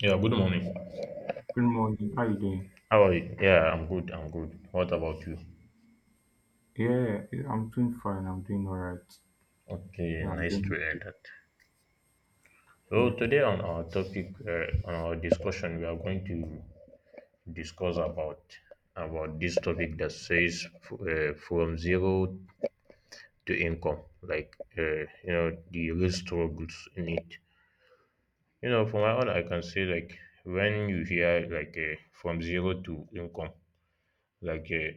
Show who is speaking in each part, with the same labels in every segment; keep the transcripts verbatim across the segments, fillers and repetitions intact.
Speaker 1: Yeah, good morning.
Speaker 2: Good morning. How you doing?
Speaker 1: How are you? Yeah, I'm good. I'm good. What about you?
Speaker 2: Yeah, yeah, I'm doing fine. I'm doing all right.
Speaker 1: Okay,
Speaker 2: Yeah, I'm
Speaker 1: nice to
Speaker 2: doing.
Speaker 1: hear that.
Speaker 2: Yeah.
Speaker 1: So today on our topic, uh, on our discussion, we are going to discuss about about this topic that says uh, from zero to income, like uh, you know the real struggles in it. You know, for my own, I can say like when you hear like uh, from zero to income, like uh,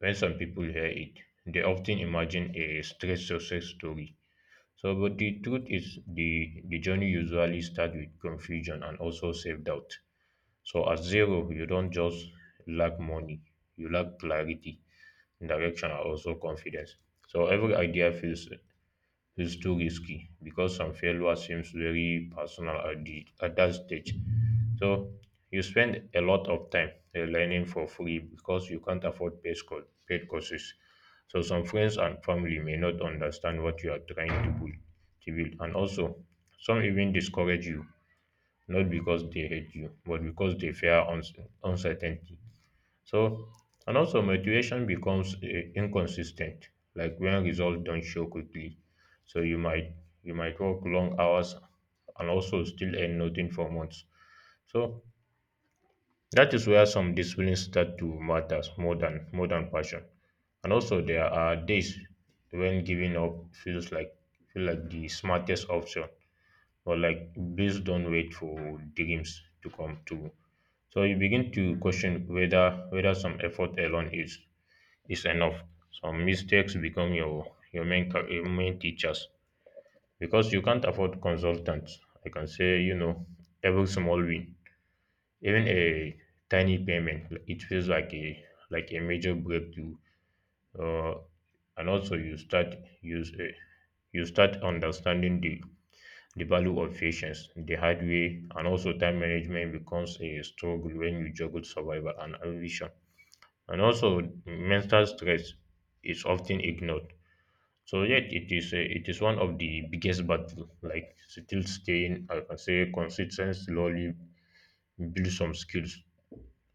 Speaker 1: when some people hear it, they often imagine a straight success story. So, but the truth is, the the journey usually starts with confusion and also self doubt. So, at zero, you don't just lack money; you lack clarity, direction, and also confidence. So, every idea feels is too risky because some failure seems very personal at, the, at that stage. So you spend a lot of time uh, learning for free because you can't afford paid, co- paid courses. So some friends and family may not understand what you are trying to build, to build. And also, some even discourage you, not because they hate you, but because they fear uns- uncertainty. So, and also motivation becomes uh, inconsistent, like when results don't show quickly. So you might you might work long hours and also still earn nothing for months. So that is where some disciplines start to matter more than more than passion. And also there are days when giving up feels like feel like the smartest option, or like please don't wait for dreams to come true. So you begin to question whether whether some effort alone is is enough. Some mistakes become your your main ca- your main teachers because you can't afford consultants. I can say you know every small win, even a tiny payment, it feels like a like a major breakthrough. Uh, and also you start use uh, you start understanding the the value of patience the hard way, and also time management becomes a struggle when you juggle survival and ambition, and also mental stress is often ignored. So yet it is a, it is one of the biggest battle. Like still staying, I can say consistent slowly build some skills.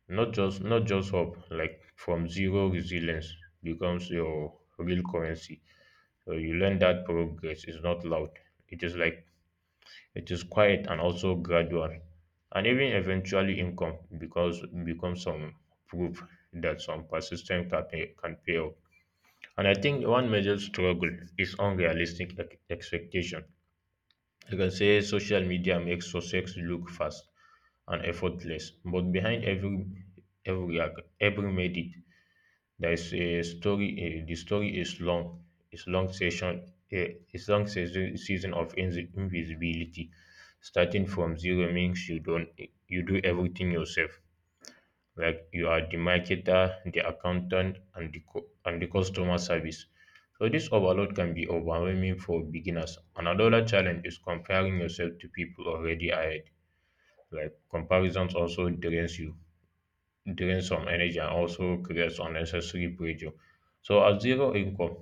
Speaker 1: Not just not just hope. Like from zero resilience becomes your real currency. So you learn that progress is not loud. It is like it is quiet and also gradual, and even eventually income because becomes some proof that some persistence can pay, can pay off. And I think one major struggle is unrealistic ex- expectation. You can say social media makes success look fast and effortless, but behind every every ac- every made it, there is a story. Eh, the story is long. It's long session. eh, It's long season season of invis- invisibility. Starting from zero means you don't you do everything yourself, like you are the marketer, the accountant, and the cu- and the customer service. So this overload can be overwhelming for beginners. Another challenge is comparing yourself to people already ahead. Like comparisons also drains you, drains some energy and also creates unnecessary pressure. So at zero income,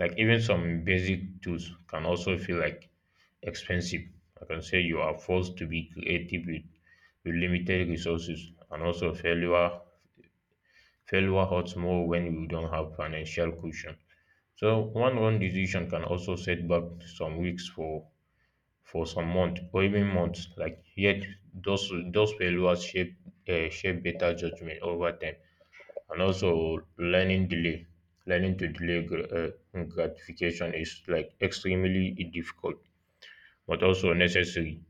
Speaker 1: like even some basic tools can also feel like expensive. I can say you are forced to be creative with, with limited resources, and also failure failure hurts more when you don't have financial cushion. So one wrong decision can also set back some weeks for for some months or even months. Like yet those those failures shape uh, shape better judgment over time. And also learning delay, learning to delay gr- uh, gratification is like extremely difficult, but also necessary.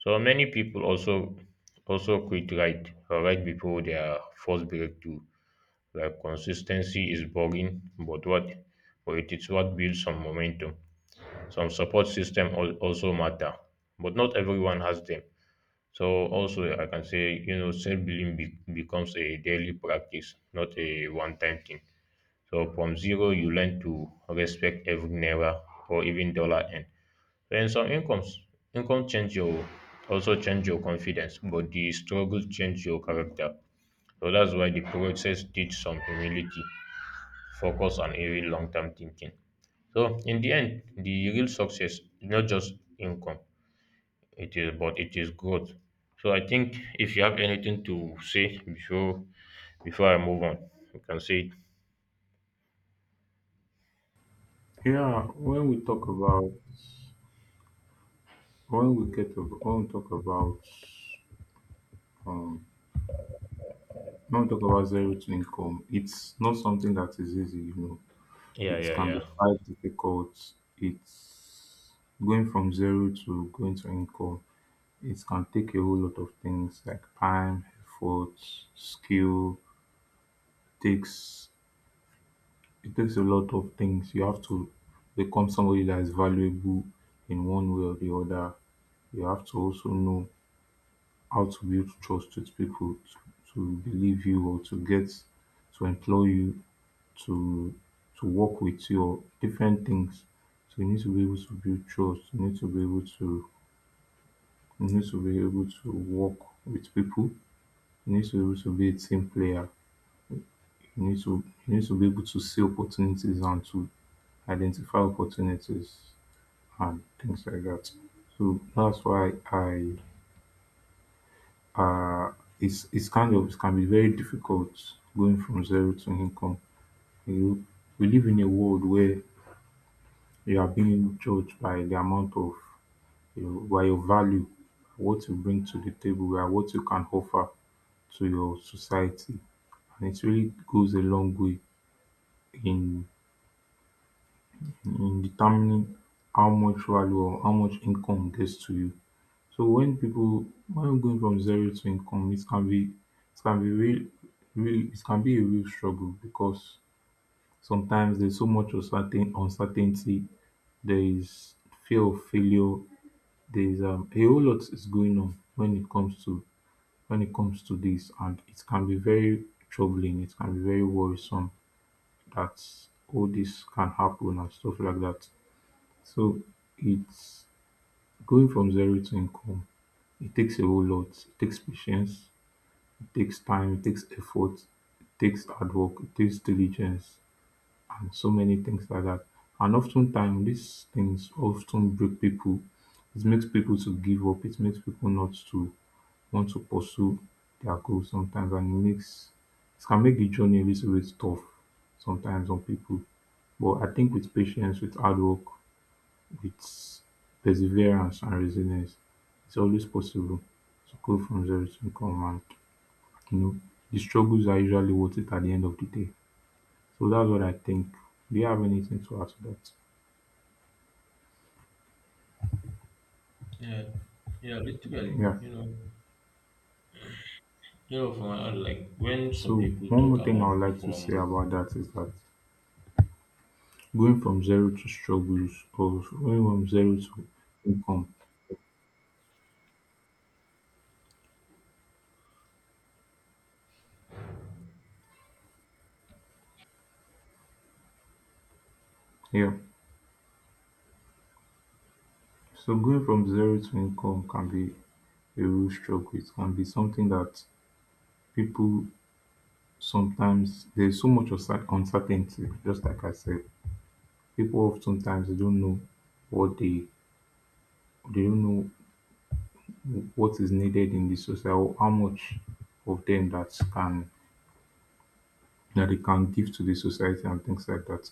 Speaker 1: So many people also also quit right uh, right before their first breakthrough, like consistency is boring, but what but it is what builds some momentum. Some support system al- also matter, but not everyone has them. So also I can say you know self belief be- becomes a daily practice, not a one time thing. So from zero you learn to respect every naira or even dollar end. Then some incomes income change your also change your confidence, but the struggle change your character. So that's why the process teach some humility, focus and even long term thinking. So in the end, the real success is not just income, it is but it is growth. So I think if you have anything to say before before I move on, you can say it.
Speaker 2: Yeah. When we talk about when we get to when we talk about um when we talk about zero to income, it's not something that is easy. You know,
Speaker 1: Yeah,
Speaker 2: it
Speaker 1: yeah,
Speaker 2: can be
Speaker 1: yeah.
Speaker 2: quite difficult. It's going from zero to going to income. It can take a whole lot of things like time, effort, skill, takes It takes a lot of things. You have to become somebody that is valuable in one way or the other. You have to also know how to build trust with people to, to believe you or to get to employ you to to work with you or different things. So you need to be able to build trust. You need to be able to you need to be able to work with people. You need to be able to be a team player. You need to you need to be able to see opportunities and to identify opportunities, and things like that. So that's why I uh it's it's kind of, it can be very difficult going from zero to income. You know, we live in a world where you are being judged by the amount of, you know, by your value, what you bring to the table, by what you can offer to your society. And it really goes a long way in in determining how much value or how much income gets to you. So when people when going from zero to income, it can be it can be real, real, it can be a real struggle because sometimes there's so much uncertain uncertainty. There is fear of failure. There is um, a whole lot is going on when it comes to when it comes to this, and it can be very troubling. It can be very worrisome that all this can happen and stuff like that. So it's going from zero to income. It takes a whole lot. It takes patience. It takes time, it takes effort, it takes hard work, it takes diligence, and so many things like that. And oftentimes, these things often break people. It makes people to give up. It makes people not to want to pursue their goals sometimes, and it makes it can make the journey a little bit tough sometimes on people. But I think with patience, with hard work, with perseverance and resilience, it's always possible to go from zero to income. You know, the struggles are usually worth it at the end of the day. So that's what I think. Do you have anything to add to that?
Speaker 1: Yeah, yeah, literally,
Speaker 2: Yeah.
Speaker 1: you know, you know, from my end, like when some
Speaker 2: So
Speaker 1: people
Speaker 2: one
Speaker 1: talk
Speaker 2: more thing I
Speaker 1: about
Speaker 2: would like to say
Speaker 1: from.
Speaker 2: about that is that going from zero to struggles, or going from zero to income. Yeah. So going from zero to income can be a real struggle. It can be something that people sometimes there's so much uncer- uncertainty, just like I said. People oftentimes they don't know what they they don't know what is needed in the society, or how much of them that can that they can give to the society and things like that.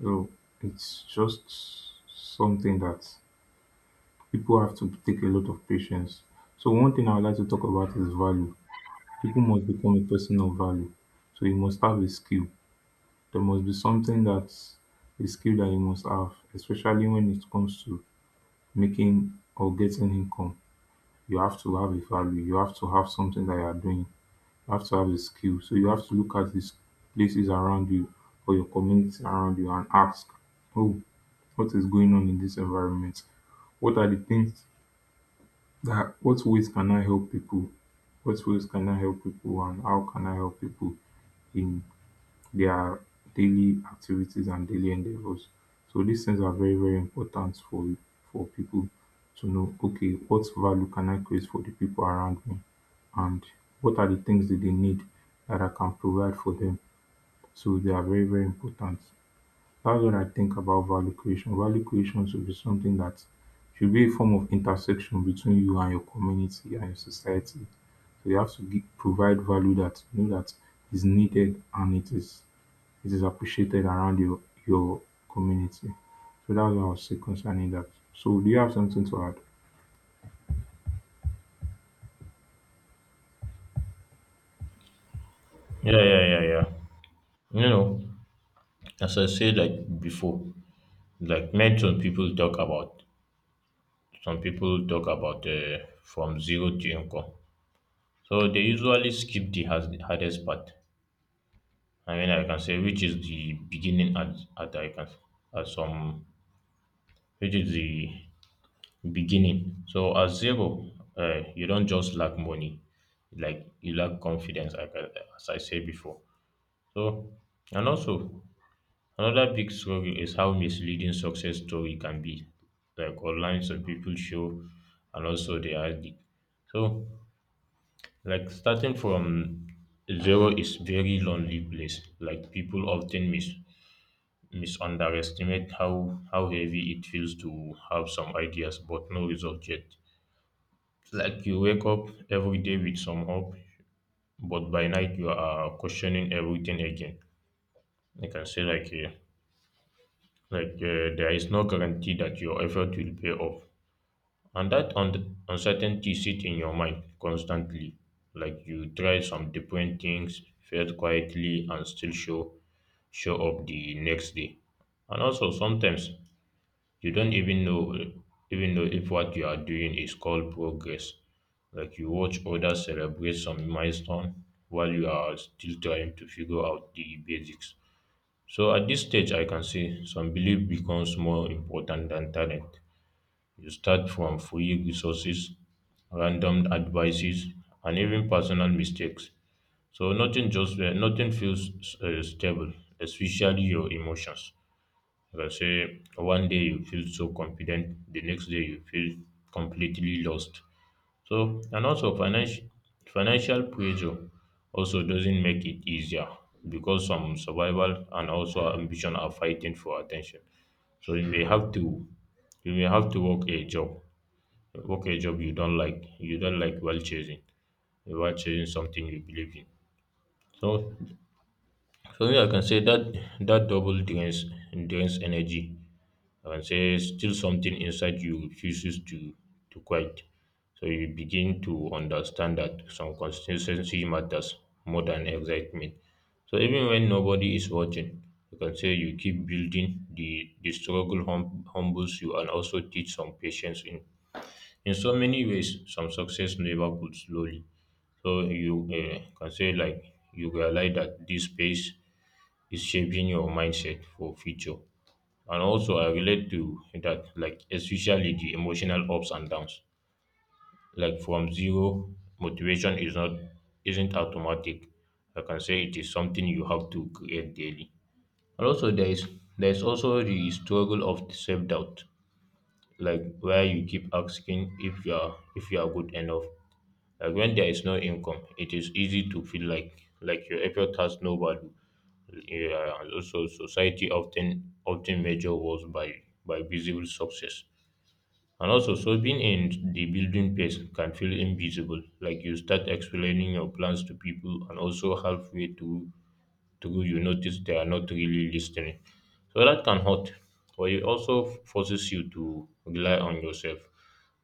Speaker 2: So it's just something that people have to take a lot of patience. So one thing I would like to talk about is value. People must become a person of value. So you must have a skill. There must be something that's a skill that you must have, especially when it comes to making or getting income. You have to have a value. You have to have something that you are doing. You have to have the skill. So you have to look at these places around you or your community around you and ask, oh, what is going on in this environment? What are the things that, what ways can I help people? What ways can I help people and how can I help people in their daily activities and daily endeavors. So these things are very, very important for for people to know, okay, what value can I create for the people around me? And what are the things that they need that I can provide for them? So they are very, very important. That's what I think about value creation. Value creation should be something that should be a form of intersection between you and your community and your society. So you have to give, provide value that you know that is needed and it is it is appreciated around your your community. So that's what I'll say concerning that. So do you have something to add?
Speaker 1: Yeah, yeah, yeah, yeah. You know, as I said like before, like men, some people talk about some people talk about uh, from zero to income. So they usually skip the has, hardest part. I mean, I can say which is the beginning at, at I can at some which is the beginning. So at zero, uh, you don't just lack money, like you lack confidence, like, I- as I said before. So and also another big struggle is how misleading success story can be, like online some people show, and also they are the so. Like starting from zero is very lonely place. Like people often mis misunderestimate how how heavy it feels to have some ideas but no result yet. Like you wake up every day with some hope, but by night you are questioning everything again. I can say like uh, like uh, there is no guarantee that your effort will pay off. And that un- uncertainty sits in your mind constantly. Like you try some different things, fail quietly, and still show show up the next day. And also sometimes you don't even know even know if what you are doing is called progress. Like you watch others celebrate some milestone while you are still trying to figure out the basics. So at this stage, I can say some belief becomes more important than talent. You start from free resources, random advices, and even personal mistakes. So nothing just uh, nothing feels uh, stable, especially your emotions. Like say one day you feel so confident, the next day you feel completely lost. So and also financial financial pressure also doesn't make it easier because some survival and also ambition are fighting for attention. So you may have to you may have to work a job, okay job you don't like you don't like while chasing while chasing something you believe in. So for me, I can say that that double drains drains energy. I can say still something inside you refuses to to quiet. So you begin to understand that some consistency matters more than excitement. So even when nobody is watching, you can say you keep building. The the struggle hum- humbles you and also teach some patience in in so many ways. Some success never could slowly. So you uh, can say like you realize that this space is shaping your mindset for future. And also I relate to that, like especially the emotional ups and downs. Like from zero, motivation is not isn't automatic. I can say it is something you have to create daily. And also there is there is also the struggle of self doubt, like where you keep asking if you are if you are good enough. Like when there is no income, it is easy to feel like like your effort has no value. Yeah, and also society often often measure worth by by visible success. And also, so being in the building phase can feel invisible. Like you start explaining your plans to people, and also halfway through, to you notice they are not really listening. So that can hurt, but it also forces you to rely on yourself.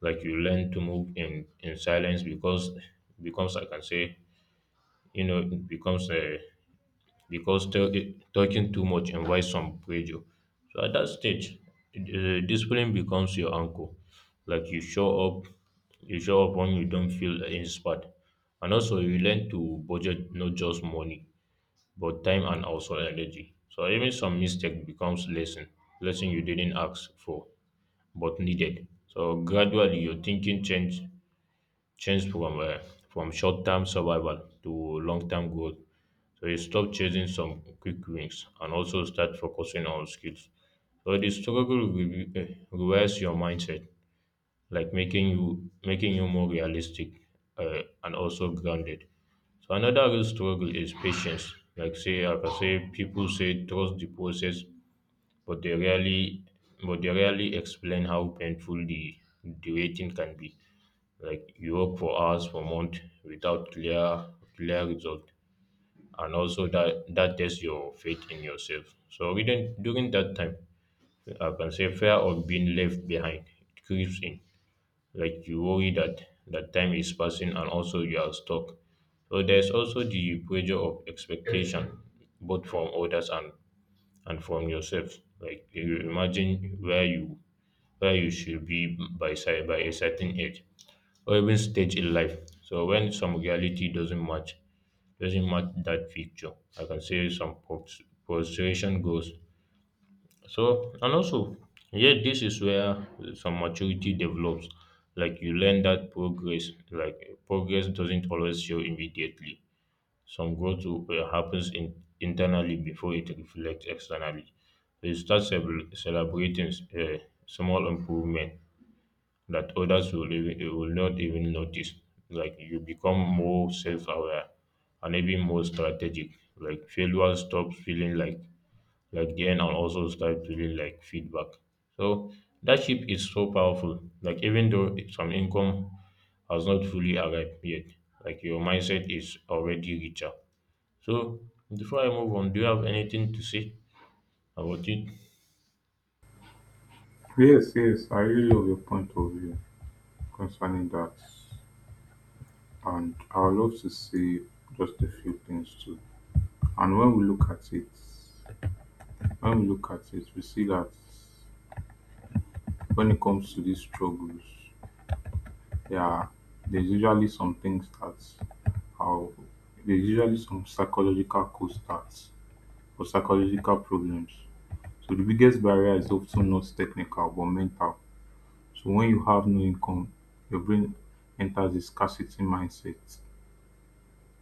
Speaker 1: Like you learn to move in in silence because becomes I can say you know it becomes a because t- talking too much invites some pressure. So at that stage, uh, discipline becomes your anchor. Like you show up, you show up when you don't feel inspired, and also you learn to budget not just money but time and also energy. So even some mistake becomes lesson, lesson you didn't ask for but needed. So gradually your thinking change change from uh, from short term survival to long term growth. So you stop chasing some quick wins and also start focusing on skills. So the struggle re- eh, reverse your mindset, like making you making you more realistic uh, and also grounded. So another real struggle is patience. Like say, like I say, people say trust the process, but they rarely, but they rarely explain how painful the the waiting can be. Like you work for hours for months without clear clear result, and also that that tests your faith in yourself. So during during that time, I can say fear of being left behind it creeps in, like you worry that that time is passing and also you are stuck. So there's also the pressure of expectation both from others and and from yourself. Like you imagine where you where you should be by cer- by a certain age or even stage in life. So when some reality doesn't match doesn't match that picture, I can say some frus- frustration goes. So and also, yeah, this is where some maturity develops. Like you learn that progress, like progress doesn't always show immediately. Some growth will- uh, happens in, internally before it reflects externally. So you start celebr- celebrating uh, small improvement that others will even, will not even notice. Like you become more self-aware and even more strategic. Like failure stops feeling like like gain and also start to be like feedback. So that ship is so powerful. Like even though some income has not fully arrived yet, like your mindset is already richer. So before I move on, do you have anything to say about it?
Speaker 2: Yes, yes, I really love your point of view concerning that. And I would love to say just a few things too. And when we look at it, when we look at it, we see that when it comes to these struggles, yeah, there's usually some things that are there's usually some psychological co-starts or psychological problems. So the biggest barrier is often not technical but mental. So when you have no income, your brain enters a scarcity mindset,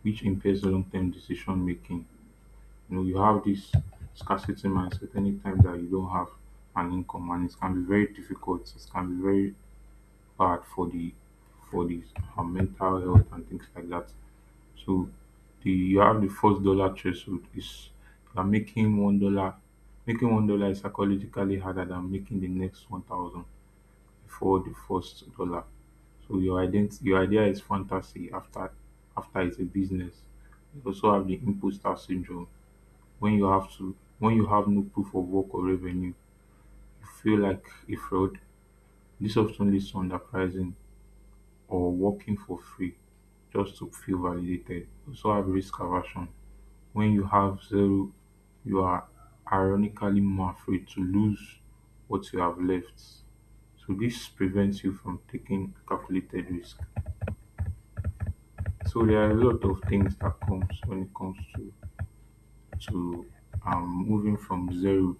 Speaker 2: which impairs long term decision making. You know, you have this scarcity mindset anytime that you don't have an income, and it can be very difficult, it can be very hard for the for the uh, mental health and things like that. So the you have the first dollar threshold is, are making one dollar. Making one dollar is psychologically harder than making the next one thousand before the first dollar. So your ident- your idea is fantasy after after it's a business. You also have the imposter syndrome. When you have to when you have no proof of work or revenue, you feel like a fraud. This often leads to underpricing or working for free just to feel validated. You also have risk aversion. When you have zero, you are ironically more afraid to lose what you have left. So this prevents you from taking calculated risk. So there are a lot of things that comes when it comes to to um, moving from zero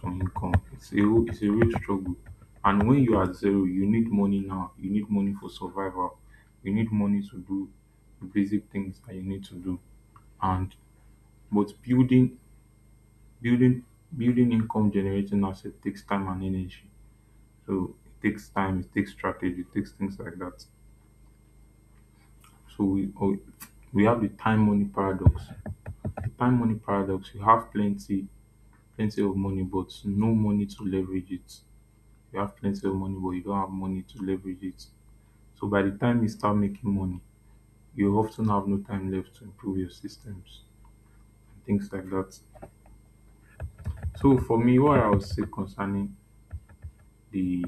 Speaker 2: to income. It's a real- it's a real struggle. And when you are at zero, you need money now. You need money for survival. You need money to do the basic things that you need to do. And but building Building building income generating asset takes time and energy. So it takes time, it takes strategy, it takes things like that. So we or- we have the time money paradox. The time money paradox. You have plenty plenty of money, but no money to leverage it. You have plenty of money, but you don't have money to leverage it. So by the time you start making money, you often have no time left to improve your systems and things like that. So for me, what I would say concerning the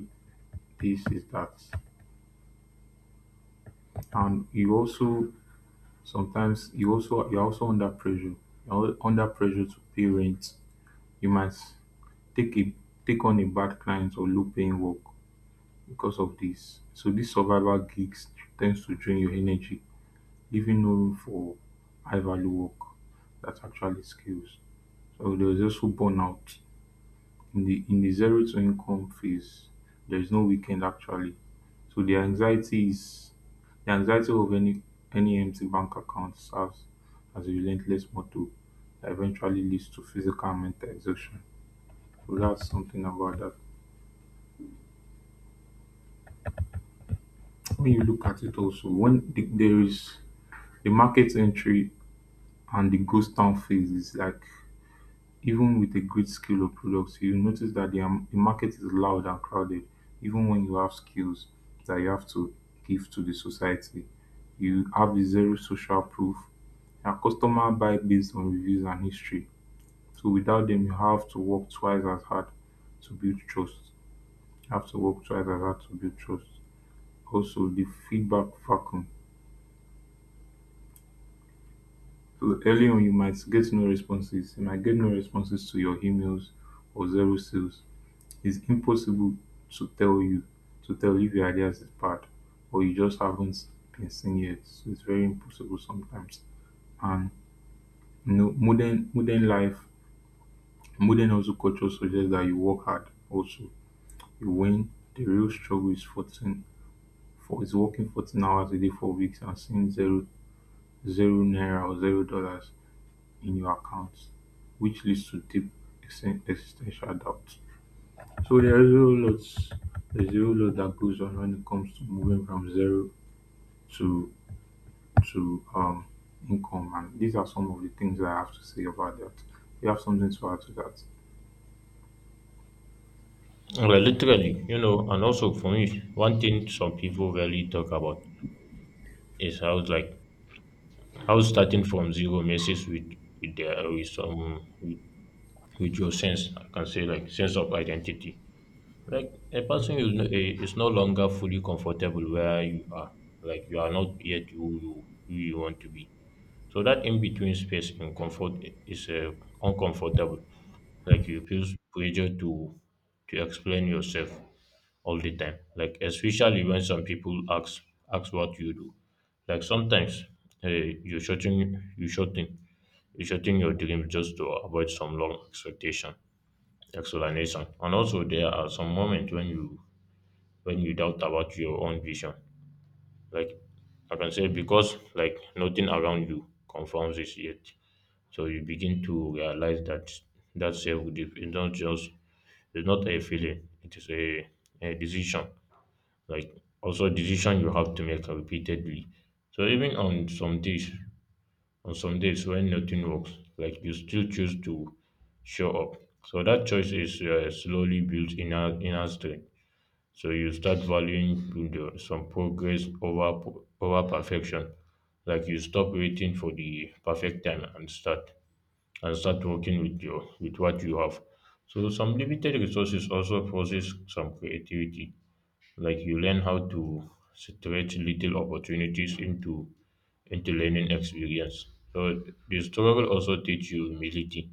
Speaker 2: this is that, and you also sometimes you also you're also under pressure. You're al- under pressure to pay rent. You might take a take on a bad client or low paying work because of this. So these survival gigs tends to drain your energy, leaving no room for high value work that's actually skills. So there's also burnout in the in the zero to income phase, there is no weekend actually. So the anxiety is the anxiety of any any empty bank account serves as a relentless motto that eventually leads to physical and mental exhaustion. So that's something about that. When you look at it also, when the, there is the market entry and the ghost town phase is like, even with a great scale of products, you notice that the, am- the market is loud and crowded. Even when you have skills that you have to give to the society, you have the zero social proof. Your customer buy based on reviews and history. So without them, you have to work twice as hard to build trust. You have to work twice as hard to build trust. Also, the feedback vacuum. So early on, you might get no responses. You might get no responses to your emails or zero sales. It's impossible to tell you to tell if your ideas is bad or you just haven't been seen yet. So it's very impossible sometimes. And you know, modern modern life, modern also culture suggests that you work hard also. You win. The real struggle is fourteen for is working fourteen hours a day for weeks and seeing zero zero naira or zero dollars in your account, which leads to deep exi- existential doubt. So there is a whole lot there's a whole lot that goes on when it comes to moving from zero to to um income, and these are some of the things I have to say about that. You have something to add to that?
Speaker 1: Well, literally, you know, and also for me, one thing some people rarely talk about is how it's like how starting from zero messes with with their with some with, with your sense. I can say like sense of identity. Like a person is no, eh, is no longer fully comfortable where you are. Like you are not yet who you who you want to be. So that in between space in comfort i- is uh, uncomfortable. Like you feel pressure to to explain yourself all the time. Like especially when some people ask ask what you do. Like sometimes uh, you shorten you shorten you shorten your dream just to avoid some long expectation explanation. And also there are some moments when you when you doubt about your own vision. Like I can say because like nothing around you confirms this yet. So you begin to realize that that self belief is not just, it's not a feeling, it is a, a decision. Like also a decision you have to make repeatedly. So even on some days on some days when nothing works, like you still choose to show up. So that choice is uh, slowly builds inner inner strength. So you start valuing pro- some progress over po- over perfection. Like you stop waiting for the perfect time and start and start working with your with what you have. So some limited resources also forces some creativity. Like you learn how to stretch little opportunities into into learning experience. So the struggle also teach you humility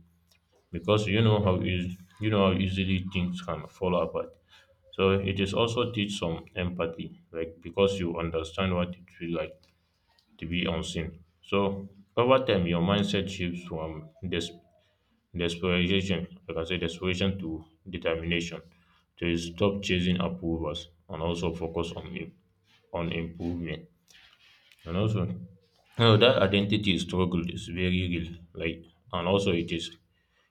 Speaker 1: because you know how is you know how easily things can fall apart. So it is also teach some empathy, like because you understand what it feels like to be unseen. So over time, your mindset shifts from des- desperation, I can say desperation to determination. So you stop chasing approvals and also focus on im- on improvement. And also, you know, that identity struggle is very real. Like, and also it is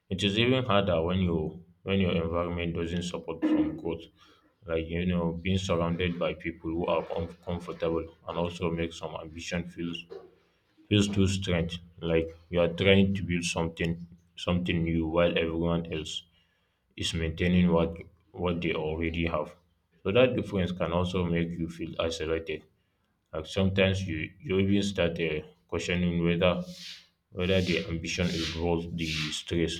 Speaker 1: it is even harder when you when your environment doesn't support some growth, like you know being surrounded by people who are uncomfortable and also make some ambition feels feels too strange. Like you are trying to build something something new while everyone else is maintaining what what they already have. So that difference can also make you feel isolated. Like sometimes you you even start uh, questioning whether whether the ambition involves the stress.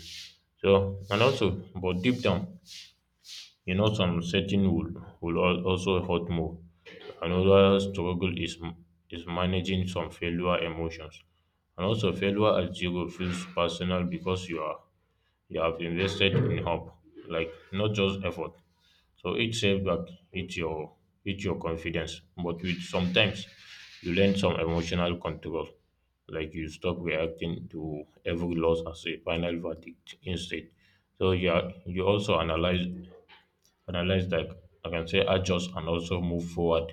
Speaker 1: So and also, but deep down, you know, some setting will will al- also hurt more. Another struggle is is managing some failure emotions, and also failure at zero feels personal because you are, you have invested in hope, like not just effort. So it each setback hit your hit your confidence, but with sometimes you learn some emotional control, like you stop reacting to every loss as a final verdict instead. So yeah, you also analyze analyze like, I can say adjust and also move forward.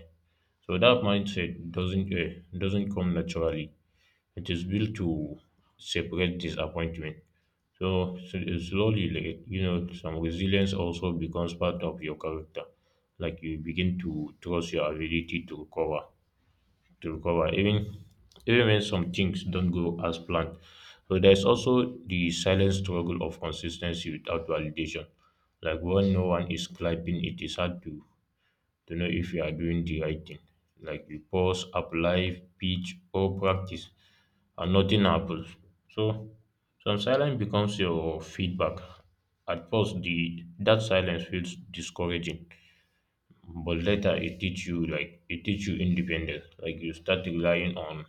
Speaker 1: So that mindset doesn't uh, doesn't come naturally. It is built to separate disappointment. So s- slowly, like, you know, some resilience also becomes part of your character. Like you begin to trust your ability to recover, to recover, even even when some things don't go as planned. So there's also the silent struggle of consistency without validation. Like when no one is clapping, it is hard to to know if you are doing the right thing. Like you pause, apply, pitch, or practice and nothing happens. So some silence becomes your feedback. At first, the that silence feels discouraging, but later it teach you like it teach you independence. Like you start relying on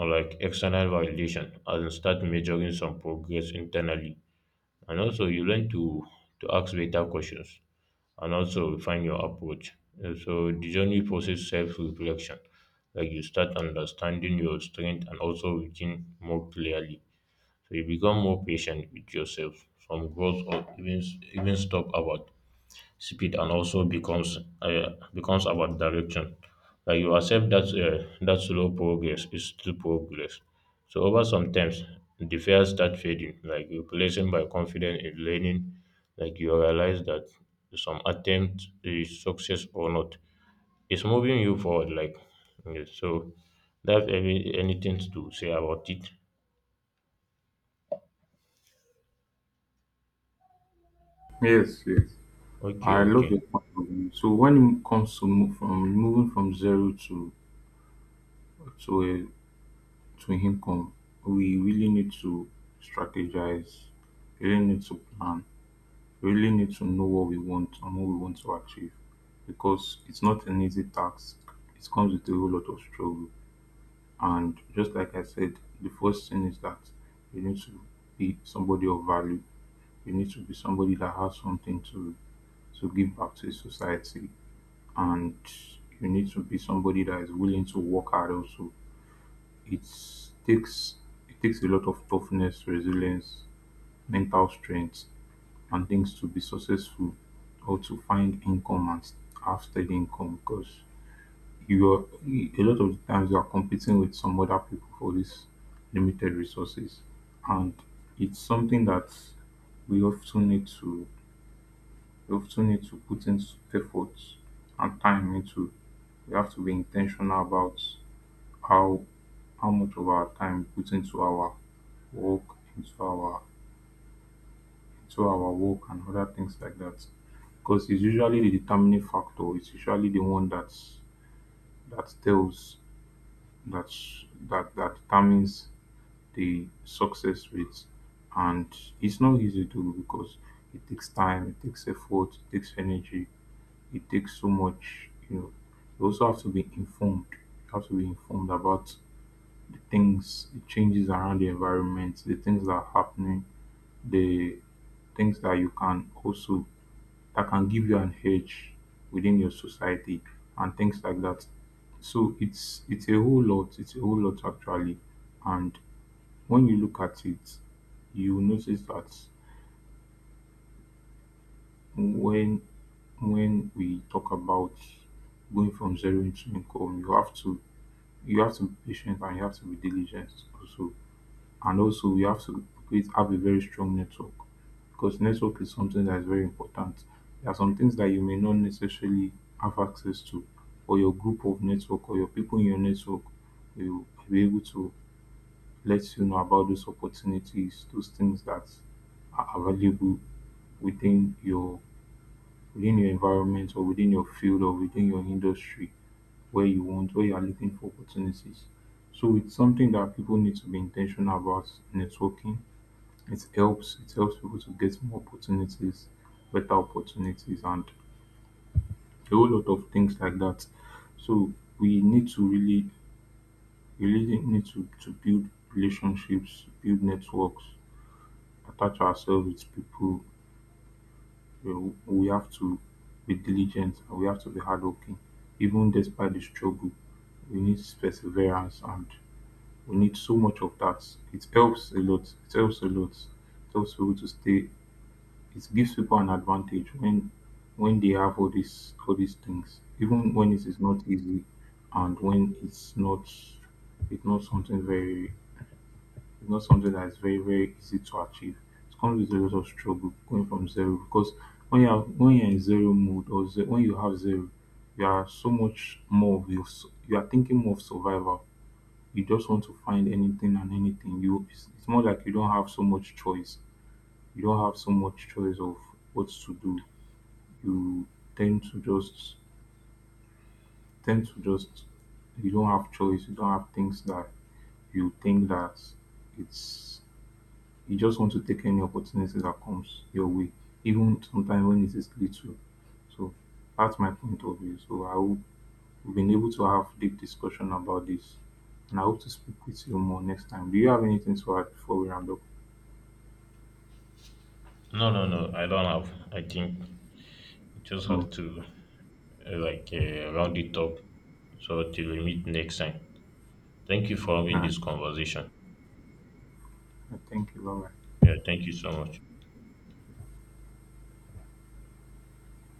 Speaker 1: on like external validation and start measuring some progress internally. And also you learn to to ask better questions and also refine your approach. And so the journey process self reflection. Like you start understanding your strength and also reaching more clearly, so you become more patient with yourself. Some growth or even even stop about speed and also becomes uh, becomes about direction. Like you accept that uh, that slow progress is still progress. So over some times, the fear start fading, like replacing by confidence in learning. Like you realize that some attempt is success or not. It's moving you forward. Like yeah, so, that's every anything to say about it.
Speaker 2: Yes, yes.
Speaker 1: Okay,
Speaker 2: I love
Speaker 1: okay.
Speaker 2: your point of view. So when it comes to move from moving from zero to to a to income, we really need to strategize. We really need to plan, we really need to know what we want and what we want to achieve, because it's not an easy task. It comes with a whole lot of struggle. And just like I said, the first thing is that you need to be somebody of value. You need to be somebody that has something to to give back to the society, and you need to be somebody that is willing to work hard. Also, it takes it takes a lot of toughness, resilience, mental strength, and things to be successful or to find income and have steady income, because you are, a lot of the times, you are competing with some other people for these limited resources. And it's something that we often need to we often need to put in effort and time into. We have to be intentional about how how much of our time we put into our work, into our into our work and other things like that, because it's usually the determining factor. It's usually the one that's that tells that that that determines the success rate. And it's not easy to do, because it takes time, it takes effort, it takes energy, it takes so much, you know. You also have to be informed. You have to be informed about the things, the changes around the environment, the things that are happening, the things that you can also, that can give you an edge within your society and things like that. So it's it's a whole lot, it's a whole lot actually. And when you look at it, you notice that when when we talk about going from zero into income, you have to you have to be patient and you have to be diligent also. And also, we have to create, have a very strong network, because network is something that is very important. There are some things that you may not necessarily have access to, but your group of network or your people in your network will be able to let you know about those opportunities, those things that are available within your within your environment or within your field or within your industry, where you want where you are looking for opportunities. So it's something that people need to be intentional about. Networking, it helps it helps people to get more opportunities, better opportunities and a whole lot of things like that. So we need to really, really need to, to build relationships, build networks, attach ourselves with people. You know, we have to be diligent and we have to be hardworking. Even despite the struggle, we need perseverance, and we need so much of that. It helps a lot. It helps a lot. It helps people to stay, it gives people an advantage when when they have all these all these things, even when it is not easy, and when it's not it's not something very, it's not something that is very, very easy to achieve. It comes with a lot of struggle going from zero, because when you are, when you're in zero mode, or ze- when you have zero, you are so much more of your s- you are thinking more of survival. You just want to find anything and anything. You it's, it's more like you don't have so much choice. You don't have so much choice of what to do. You tend to just tend to just you don't have choice, you don't have things that you think that it's you just want to take any opportunity that comes your way, even sometimes when it is little. So that's my point of view. So I hope we've been able to have deep discussion about this. And I hope to speak with you more next time. Do you have anything to add before we round up?
Speaker 1: No, no, no. I don't have. I think you just
Speaker 2: No. All
Speaker 1: have to uh, like uh, round it up. So till we meet next time. Thank you for having
Speaker 2: right.
Speaker 1: this conversation.
Speaker 2: Thank you. Bye.
Speaker 1: Yeah, thank you so much.